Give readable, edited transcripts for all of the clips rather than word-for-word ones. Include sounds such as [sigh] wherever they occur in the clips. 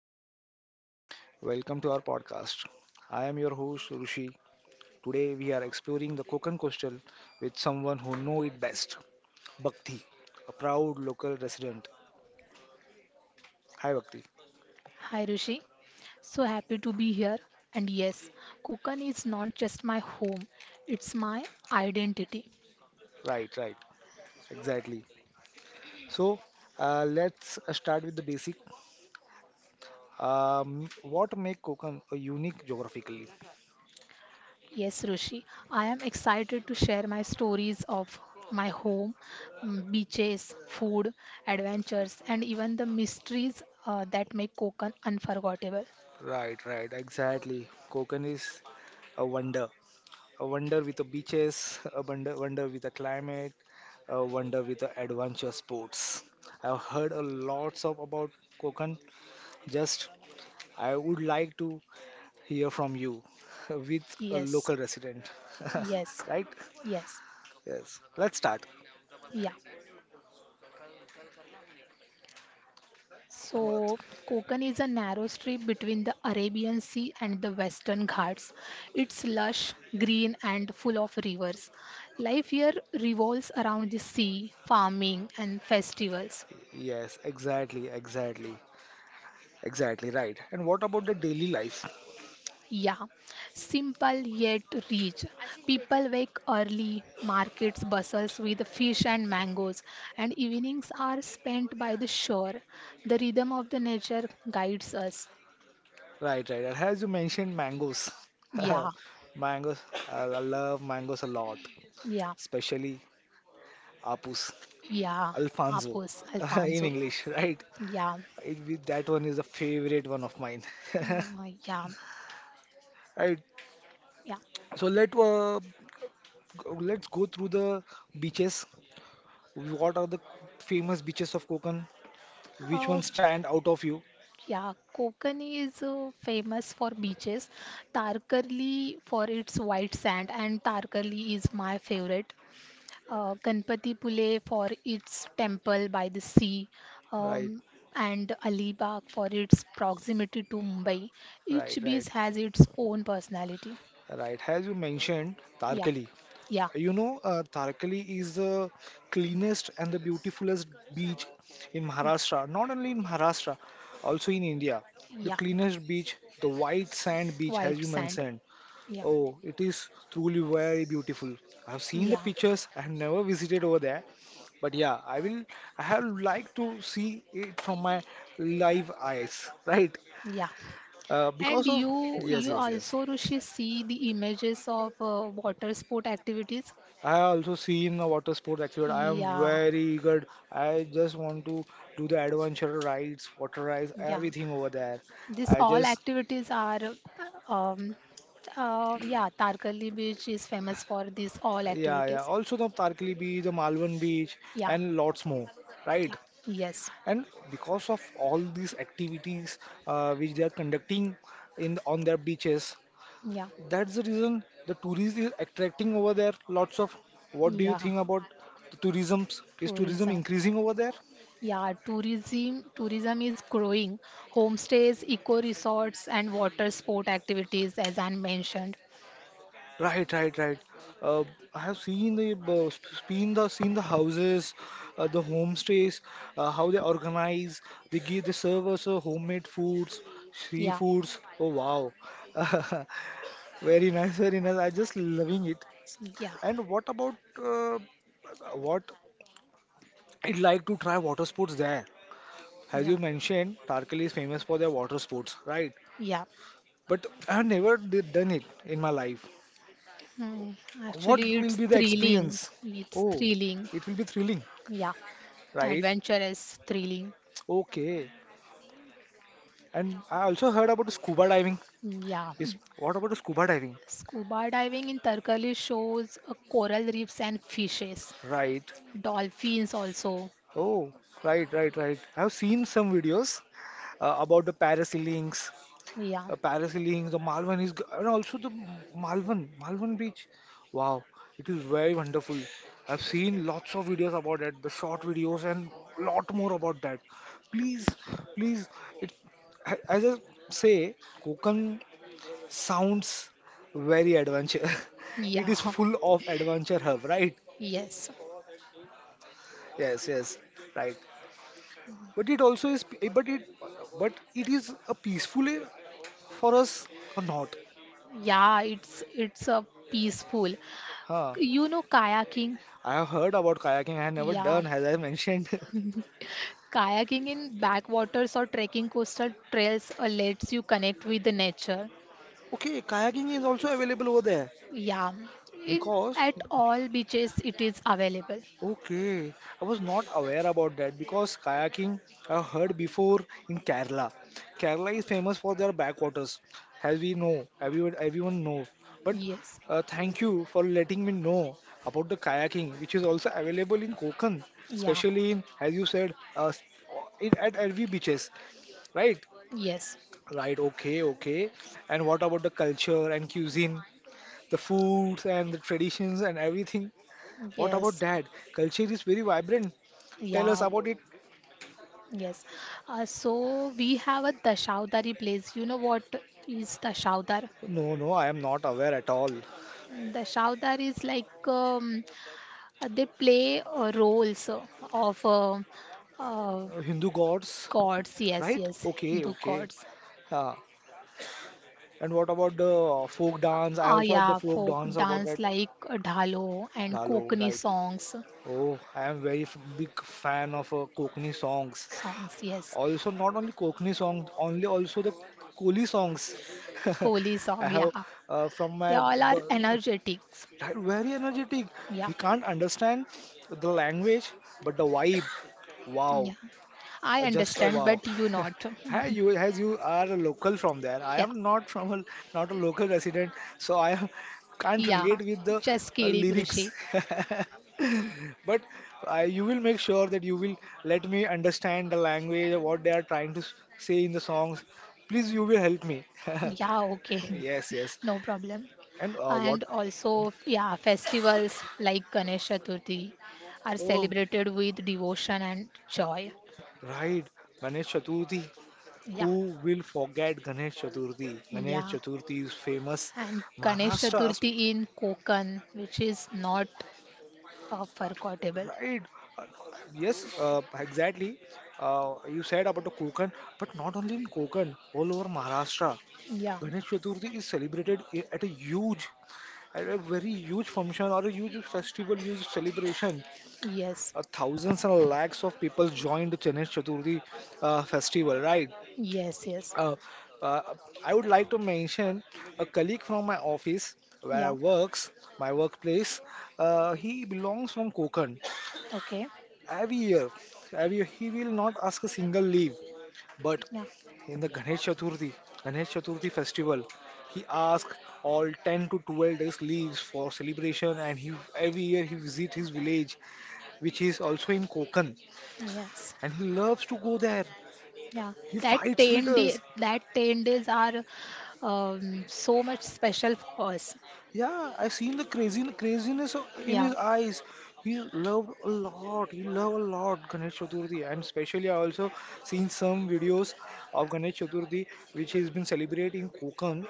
namaskar. Welcome to our podcast. I am your host Rushi. Today we are exploring the Konkan coastal with someone who know it best, Bhakti, a proud local resident. Hi Bhakti. Hi Rishi, so happy to be here. And yes, Konkan is not just my home, it's my identity. Right, right. Exactly. So let's start with the basic. What make Konkan a unique geographically? Yes, Rishi, I am excited to share my stories of my home, mm, beaches, food, adventures, and even the mysteries that make Konkan unforgettable. Right, right. Exactly. Konkan is a wonder. A wonder with the beaches, a wonder with the climate, a wonder with the adventure sports. I've heard a lots of about Konkan. Just I would like to hear from you [laughs] with a Yes, local resident. [laughs] yes, Right? yes, Yes. Let's start. yeah. So, Konkan is a narrow strip between the Arabian Sea and the Western Ghats. It's lush, green, and full of rivers. Life here revolves around the sea, farming, and festivals. Yes, exactly, right. And what about the daily life? Yeah, simple yet rich. People wake early, markets bustles with fish and mangoes, and evenings are spent by the shore. The rhythm of the nature guides us. Right, right. And as you mentioned, mangoes. [laughs] Yeah, Mangoes, I love mangoes a lot, yeah. especially apus. Yeah, Alfonso Apos, [laughs] in Alfonso. English, right? Yeah, That one is a favorite one of mine. [laughs] uh, yeah, Right. yeah. So let's go through the beaches. What are the famous beaches of Konkan? Which Uh, ones stand out of you? yeah, Konkani is famous for beaches, Tarkarli for its white sand, and Tarkarli is my favorite. Ganpatipule for its temple by the sea, Right, um, and Alibag for its proximity to Mumbai. right, Each right, beach has its own personality. right. As you mentioned, Yeah, Tarkali. yeah, You know, Tarakali is the cleanest and the beautifulest beach in Maharashtra. Not only in Maharashtra, also in India. The yeah. cleanest beach, the white sand beach, as White you sand. mentioned. Yeah. Oh, it is truly very beautiful. I have seen the Yeah, pictures. I have never visited over there, but yeah, I will. I have like to see it from my live eyes, right? yeah. And Because of you Yes, you yes, yes. also Rishi see the images of water sport activities. I also seen a water sport actually. I am Yeah, very eager. I just want to do the adventure rides, water rides, yeah. everything over there. This I all just, activities are yeah, Tarkali Beach is famous for these all yeah, yeah. activities. Also the Tarkali beach, the Malvan beach, Yeah, and lots more, right? yeah. Yes. And because of all these activities which they are conducting in on their beaches, Yeah. that's the reason the tourism is attracting over there. Lots of. What do you Yeah. think about the tourism? Is tourism Tourism. increasing over there? Yeah, tourism is growing. Homestays, eco resorts and water sport activities as I mentioned. Right, right, right. Uh, I have seen the houses, the homestays, how they organize. They serve us homemade foods, Yeah. seafoods. Oh wow, [laughs] very nice, very nice. I just loving it. Yeah, And what about uh, what I'd like to try water sports there? As yeah, you mentioned, Tarkali is famous for their water sports, right? yeah. But I have never done it in my life. Hmm. Actually, What it's will be the thrilling. experience? It's Oh, thrilling. it will be thrilling, Yeah, right? adventure is thrilling. Okay. And I also heard about scuba diving. Yeah. Is what about scuba diving? Scuba diving in Tarkali shows coral reefs and fishes, Right. dolphins also. Oh, right, right, right. I've seen some videos about the parasailing Yeah, parasailing, the Malvan is, g- and also the Malvan, Malvan beach. Wow, it is very wonderful. I've seen lots of videos about it, the short videos and lot more about that. Please, please, it, as I say, Konkan sounds very adventure. [laughs] It yeah, is full of adventure hub, right? [laughs] yes. Yes, yes, right. But it also is, but it, but it is a peaceful eh, for us or not? Yeah, it's a peaceful. Huh? You know kayaking? I have heard about kayaking. I have never Yeah. done, as I mentioned, [laughs] Kayaking in backwaters or trekking coastal trails lets you connect with the nature. Okay, kayaking is also Is available over there. yeah, in Because at all beaches it is available. Okay, I was not aware about that. Because kayaking, I heard before in Kerala. Kerala is famous for their backwaters, as we know, everyone know. But Yes, thank you for letting me know about the kayaking, which is also available in Konkan, yeah, especially in, as you said, in, at every beaches, right? yes, Right, okay, okay. And what about the culture and cuisine, the foods and the traditions and everything? What about yes, that? Culture is very vibrant. Tell us yeah, about it. yes. So we have a Dashavdari place. You know what is Dashavdar? No, no, I am not aware at all. Dashavdar is like they play roles of uh, Hindu gods, gods. Yes, right? yes, Okay, Hindu okay. gods. Huh. And what about the folk dance? I Ah, also heard the yeah, folk folk dance about dance that. like dhalo and Dalo, Kokani right? songs. Oh, I am very big fan of Kokni songs. Songs, yes. Also, not only Kokni songs, only also the Koli songs. Kohli [laughs] I song, have yeah. uh, from They my all are b- energetic. very energetic. Yeah, We can't understand the language, but the vibe. yeah. Wow, I just a understand, wow. but you not. [laughs] Hi, you as you are a local from there. I Yeah, am not from a not a local resident, so can't yeah. relate with the Just kidding, lyrics. Rishi. [laughs] But you will make sure that you will let me understand the language what they are trying to say in the songs. Please, you will help me. [laughs] Yeah, okay. Yes, yes. [laughs] No problem. And what? And also, yeah, festivals like Ganesh Chaturthi are Oh, celebrated with devotion and joy. right. Ganesh Chaturthi. Yeah, Who will forget Ganesh Chaturthi? Ganesh yeah. Chaturthi is famous. And Ganesh Maharashtra Chaturthi in Konkan, which is not forgettable. Right. Uh, yes, exactly. You said about the Konkan, but not only in Konkan, all over Maharashtra, Yeah. Ganesh Chaturthi is celebrated at a huge, at a very huge function or a huge festival, huge celebration. Yes, Thousands and lakhs of people joined the Ganesh Chaturthi festival, right? yes, yes. Uh, uh, I would like to mention a colleague from my office where I Yeah. works, my workplace. He belongs from Konkan. Okay. Every year, every year he will not ask a single leave. But Yeah. in the Ganesh Chaturthi festival, he asks all 10 to 12 days leaves for celebration and he every year he visit his village which is also in Konkan Yes. and he loves to go there. Yeah. He That fights with 10 us. day, that 10 days are so much special for us. Yeah, I seen the crazy craziness in Yeah. his eyes. He loved a lot. He loved a lot Ganesh Chaturthi, and especially I also seen some videos of Ganesh Chaturthi, which he's been celebrating Konkan.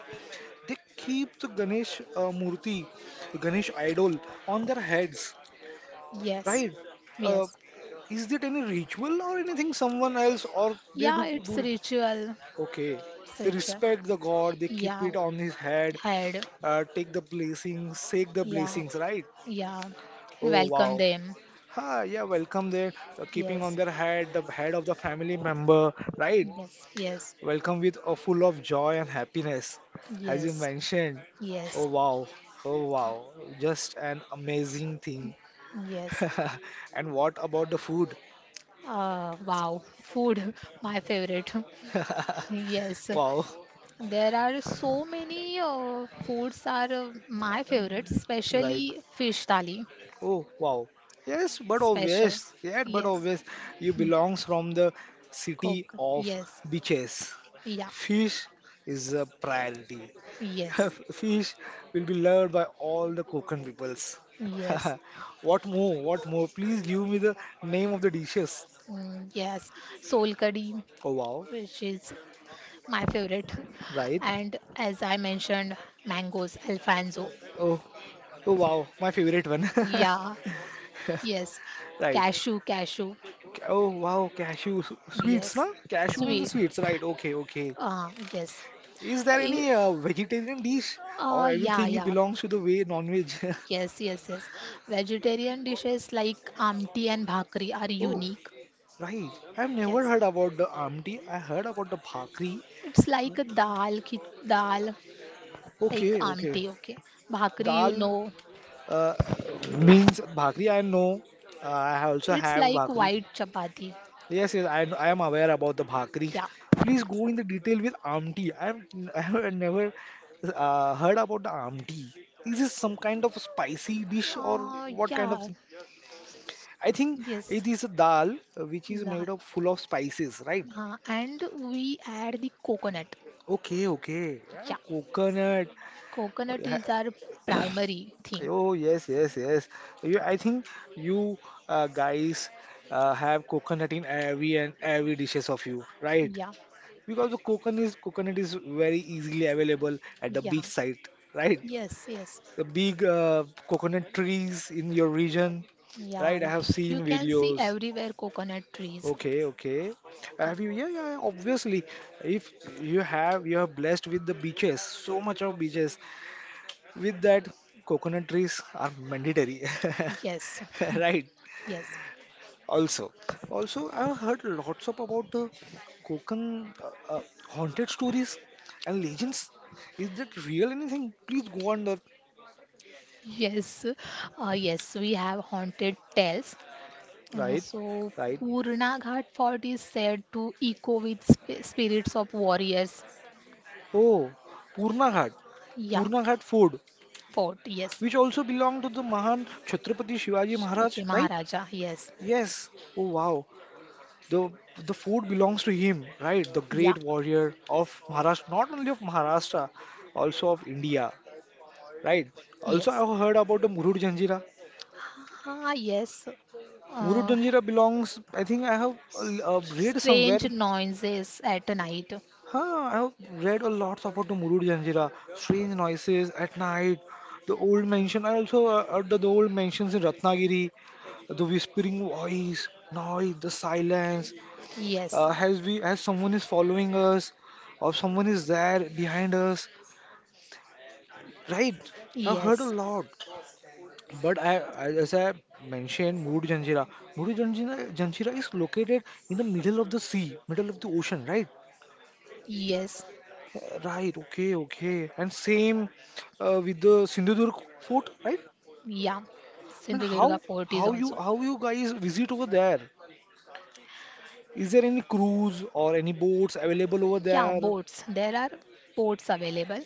They keep the Ganesh Murti, the Ganesh idol, on their heads, Yes. right? Uh, Yes. is it any ritual or anything? Someone else, or they Yeah, do it's do it ritual. okay. It's They ritual. respect the god, they keep Yeah. it on his head, Head. Take the blessings, shake the Yeah. blessings, right? Yeah. Oh, Welcome wow. them. Ah, yeah, welcome there, keeping on Yes. their head, the head of the family member, right? Yes. Yes. Welcome with a full of joy and happiness, as you Yes. mentioned. Oh, Yes. wow. Oh, wow. Just an amazing thing. Yes. [laughs] And what about the food? Wow. Food, [laughs] my favorite. [laughs] Yes, Wow, there are so many foods are my favorites, [laughs] right. especially fish thali. Oh, wow. Yes, but obvious. Special. Yeah, but Yes. obvious. You belongs from the city Coke. of Yes. beaches. Yeah. Fish is a priority. [laughs] Yes. Fish will be loved by all the Konkan peoples. Yes. [laughs] What more? What more? Please give me the name of the dishes. Mm, yes. Sol kadhi, Oh, wow. which is my favorite. Right. And as I mentioned, mangoes, Alfonso. Oh, oh, wow. My favorite one. Yeah. [laughs] Yes. Right. Cashew, cashew. Oh, wow. Cashew sweets, Yes. na? Cashew and the Sweet. sweets. Right. Okay, okay. Yes. Is there Eh, any vegetarian dish or yeah, everything it yeah. belongs to the way non-veg? [laughs] Yes, yes, yes. Vegetarian dishes like amti and bhakri are Oh, unique. right. I've never Yes, heard about the amti. I heard about the bhakri. it's like a dal like Okay, okay. amti. Okay, bhakri, you Dal know, uh, means bhakri. I know. I also it's have like bhakri. white chapati. Yes, yes. I am aware about the bhakri. Yeah, Please go in the detail with amti. I'm [laughs] I have never heard about the amti. Is this some kind of spicy dish or what kind of yeah, I think yes. it is a dal which is Nah, made of full of spices, right? nah. And we add the coconut. Okay, okay. Yeah, Yeah, coconut. Oh coconut yeah. is our primary thing. Oh, yes, yes, yes. I think you guys have coconut in every and every dishes of you, right? Yeah, Because the coconut is very easily available at the yeah, beach site, right? yes, yes. The big coconut trees in your region, Yeah, right? I have you seen can see videos. everywhere coconut trees. Okay, okay. Yeah. Have you? Yeah, obviously, if you have, you are blessed with the beaches. So much of beaches. With that, coconut trees are mandatory, Yes, [laughs] [laughs] right? yes, Also, also, I've heard lots of about coconut uh, uh, haunted stories and legends. Is that real anything? Please go on that. yes, yes, we have haunted tales. Uh, Right, so, right. Purna Ghat Fort is said to echo with sp spirits of warriors. Oh, Purna Ghat, Yeah, Purna Ghat Fort, fort, yes. which also belonged to the Mahan Chhatrapati Shivaji Maharaj, Shivaji right? Maharaja, yes. Yes. Oh wow. The the food belongs to him, right? The Yeah, great warrior of Maharashtra, not only of Maharashtra, also of India, right? Also, yes. I have heard about the Murud Janjira. Ah, yes. Murud Uh, Janjira belongs. I think I have read somewhere. strange noises at night. Huh, I have read a lot about the Murud Janjira. Strange noises at night. The old mansion. I also heard the old mansions in Ratnagiri, the whispering voice, noise, the silence, Yes, as we has someone is following us or someone is there behind us, right? I heard a yes, lot, but I as I mentioned Muru Janjira, Janjira is located in the middle of the sea, middle of the ocean, right? yes. Right, okay, okay. And same with the Sindhudurg fort, right? Yeah, But Sindhudurga Fort is also. how you guys visit over there, is there any cruise or any boats available over Yeah, there? boats. There are boats available.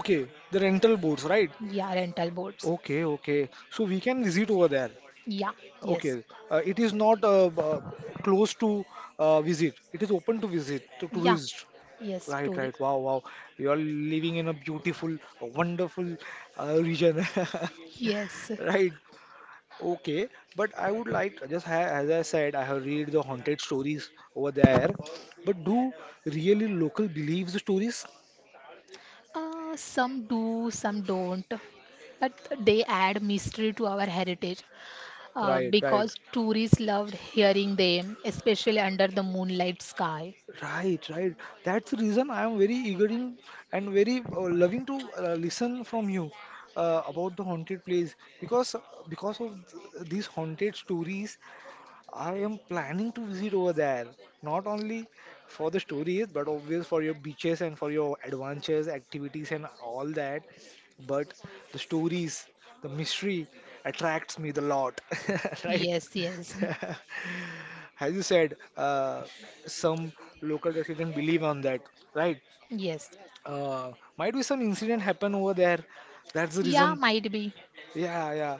Okay, the rental boats, right? Yeah, rental boats. Okay, okay. So we can visit over there. Yeah, yes. Okay. It is not close to visit. It is open to visit to Yeah, tourists. yes, Right, right. tourist. Wow, wow. You are living in a beautiful, wonderful region. [laughs] Yes. Right. Okay. But I would like, just ha as I said, I have read the haunted stories over there. But do really local believe the stories? Some do, some don't. But they add mystery to our heritage Right, right. because tourists loved hearing them, especially under the moonlight sky. Right, right. That's the reason I am very eager in, and very loving to listen from you about the haunted place because uh, because of these haunted stories, I am planning to visit over there. Not only for the stories, but obvious for your beaches and for your adventures, activities, and all that. But the stories, the mystery attracts me the lot, [laughs] right? Yes, yes, [laughs] As you said, some local residents believe on that, right? [laughs] yes. Uh, might be some incident happen over there. That's the Yeah, reason. might be. Yeah, yeah.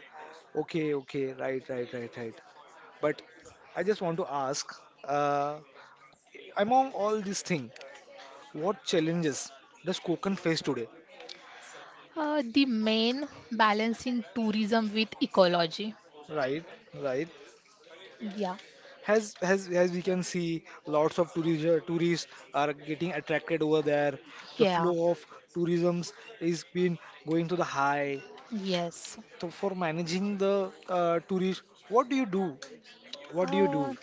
Okay, okay. Right, right, right, right. But I just want to ask, uh, among all these things, what challenges does Konkan face today? The main balancing tourism with ecology. Right, right. Yeah, Has As we can see, lots of tourists are getting attracted over there. The yeah. flow of tourism is been going to the high. Yes. So for managing the tourist, what do you do? What do you Uh, do?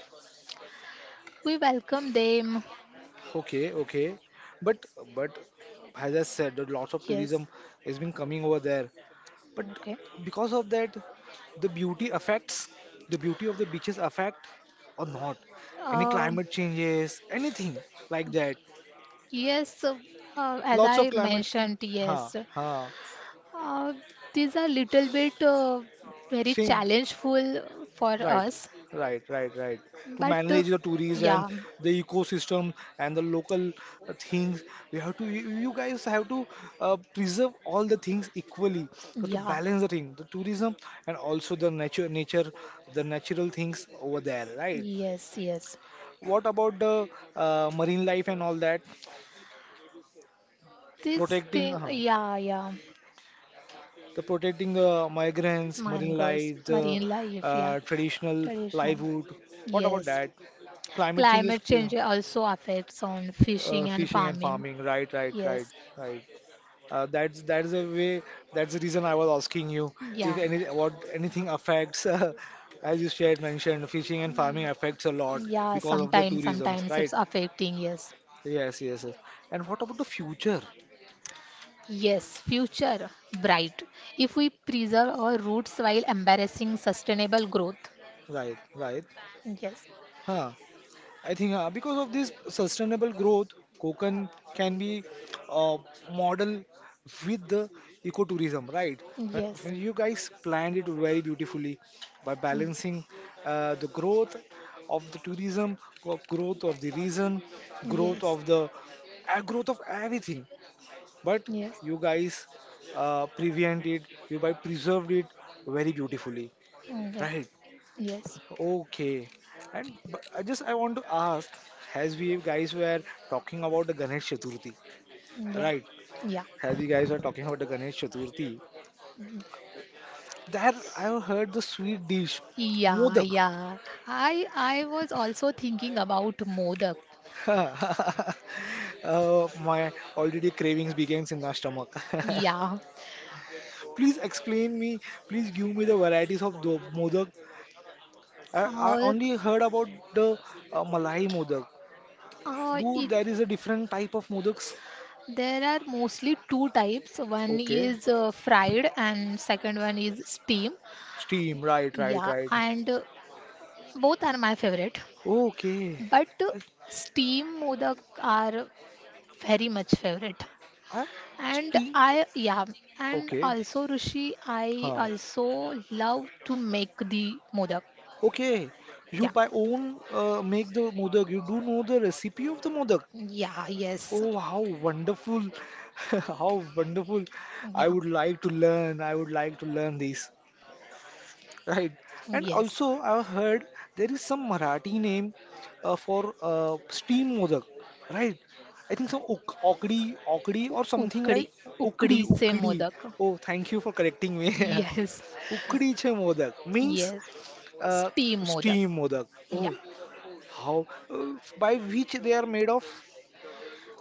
we welcome them. Okay, okay. But but as I said, that lots of Yes. tourism has been coming over there. But Okay. because of that, the beauty affects the beauty of the beaches affect or not? Any Uh, climate changes, anything like that? yes. As Lots of I climate. mentioned, Ha yes. ha. Uh, these are little bit very challengeful for Right, us, right, right, right. To but manage the tourism yeah, and the ecosystem and the local things, we have to. You guys have to preserve all the things equally. You have to yeah, balance the thing, the tourism and also the nature, the natural things over there, right? yes, yes. What about the marine life and all that? This Protecting, thing, yeah, yeah. the protecting the migrants, marine Mangroves, life, the marine life, yeah. Traditional Traditional. livelihood. What about Yes, that? Climate changes. climate change also affects on fishing and Fishing and farming. farming. Right, right, right, Yes, right. That's the way. That's the reason I was asking you if yeah, any what anything affects. [laughs] As you shared mentioned, fishing and farming affects a lot yeah, because of the sometimes, tourisms, sometimes right? it's affecting, yes. Yes, yes, yes. And what about the future? Yes, future bright. If we preserve our roots while embarrassing sustainable growth. Right, right. Yes, Huh. I think because of this sustainable growth, Konkan can be a model with the ecotourism, right? Uh, yes, you guys planned it very beautifully by mm, balancing the growth of the tourism, growth of the region, growth yes, of the growth of everything. But yes, you guys prevented, you guys preserved it very beautifully, mm, yes, right? yes, Okay. And but I just I want to ask, as we guys were talking about the Ganesh Chaturthi, yeah, right? yeah. As we guys were talking about the Ganesh Chaturthi, there I have heard the sweet dish, Yeah, modak. yeah. I was also thinking about Modak. [laughs] uh, my already cravings begins in my stomach. [laughs] Yeah. please explain me. Please give me the varieties of the modak. I Uh, only heard about the Malai modak. Do it there is a different type of modaks? There are mostly two types. One Okay. is fried and second one is steam. Steam, right, right, Yeah, right. and both are my favorite. Okay. But I, steam modak are very much favorite. I And steam. I yeah, and Okay. also Rishi, I Huh. also love to make the modak. Okay. You Yeah. by own make the modak. You do know the recipe of the modak. Yeah, yes. Oh, how wonderful. [laughs] How wonderful. I Yeah. would like to learn. I would like to learn this. Right. And Yes. also, I've heard there is some Marathi name for steam modak, right? I think some okdi, okdi or something, Ukdi, right? Ukdi, ukdi se ukdi. modak. Oh, thank you for correcting me. Yes. [laughs] Ukdi che modak means Yes. uh, Steam modak. steam modak. Yeah. Oh, how? By which they are made of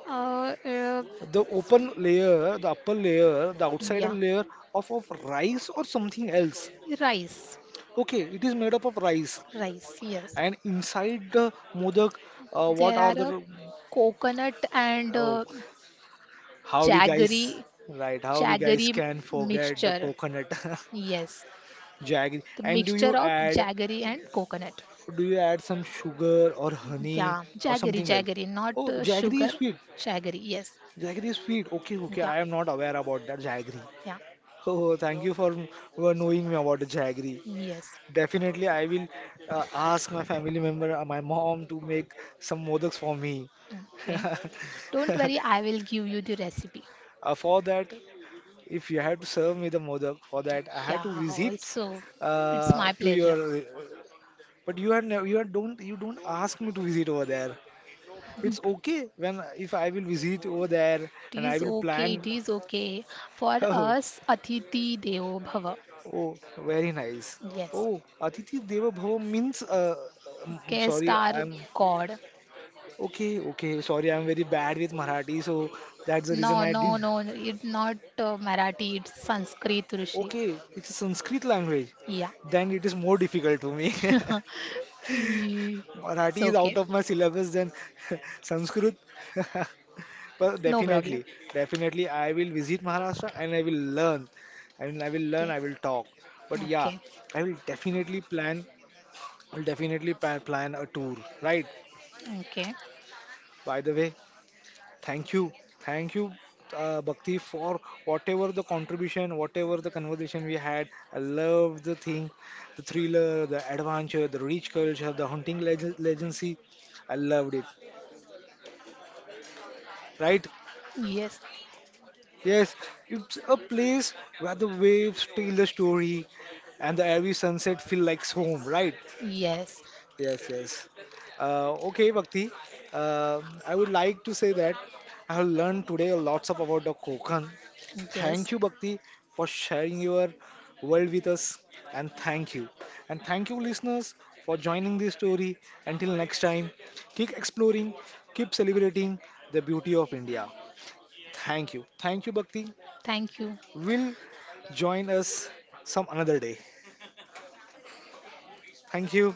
Uh, uh, the open layer, the upper layer, the outsider yeah. layer of rice or something else. Rice. Okay, it is made up of rice. Rice, yes. And inside the Modak, what There are are a the coconut and oh, how we jaggery guys right? How we guys jaggery can forget the mixture. coconut Yes. [laughs] jaggery? The And mixture of jaggery and coconut. do you add some sugar or honey Yeah. or Jaggery, something else? jaggery, not Oh, jaggery sugar. is sweet. Jaggery, yes. Jaggery is sweet. Okay, okay. Yeah. I am not aware about that jaggery. Yeah. [laughs] Oh, thank you for knowing me about the jaggery. Yes. Definitely, I will ask my family member, my mom, to make some modaks for me. Okay. Don't worry, [laughs] I will give you the recipe. For that, if you have to serve me the modak, for that I have to Yeah, visit also. It's my to pleasure. your. But you are don't you don't ask me to visit over there. It's okay when if I will visit over there It and I is will okay, plan. it is okay. For [laughs] us, Atiti Devo Bhava. Oh, oh, very nice. Yes, Oh, Atiti Deva Bhava means. Guest Sorry, are I'm God. okay. Okay, sorry, I'm very bad with Marathi, so that's the reason No, I no, didn't. no, it's not Marathi, it's Sanskrit, Rishi. Okay, it's a Sanskrit language. Yeah. Then it is more difficult to me. [laughs] [laughs] Ye- It's Marathi is out okay. of my syllabus then [laughs] Sanskrit. [laughs] But No problem. definitely, definitely I will visit Maharashtra and I will learn. I And I will learn, Okay, I will talk. But yeah, okay, I will definitely plan, will definitely plan a tour, right? okay. By the way, thank you. Thank you, Bhakti, for whatever the contribution, whatever the conversation we had. I love the thing, the thriller, the adventure, the rich culture, the hunting legacy. I loved it, right? Yes, Yes, it's a place where the waves tell the story and the every sunset feel like home, right? yes, Yes, yes. Okay, Bhakti. Uh, I would like to say that I have learned today lots of about the Konkan. yes. Thank you, Bhakti, for sharing your world with us, and thank you. And thank you, listeners, for joining this story. Until next time, keep exploring, keep celebrating the beauty of India. Thank you. Thank you, Bhakti. Thank you. We'll join us some another day. Thank you.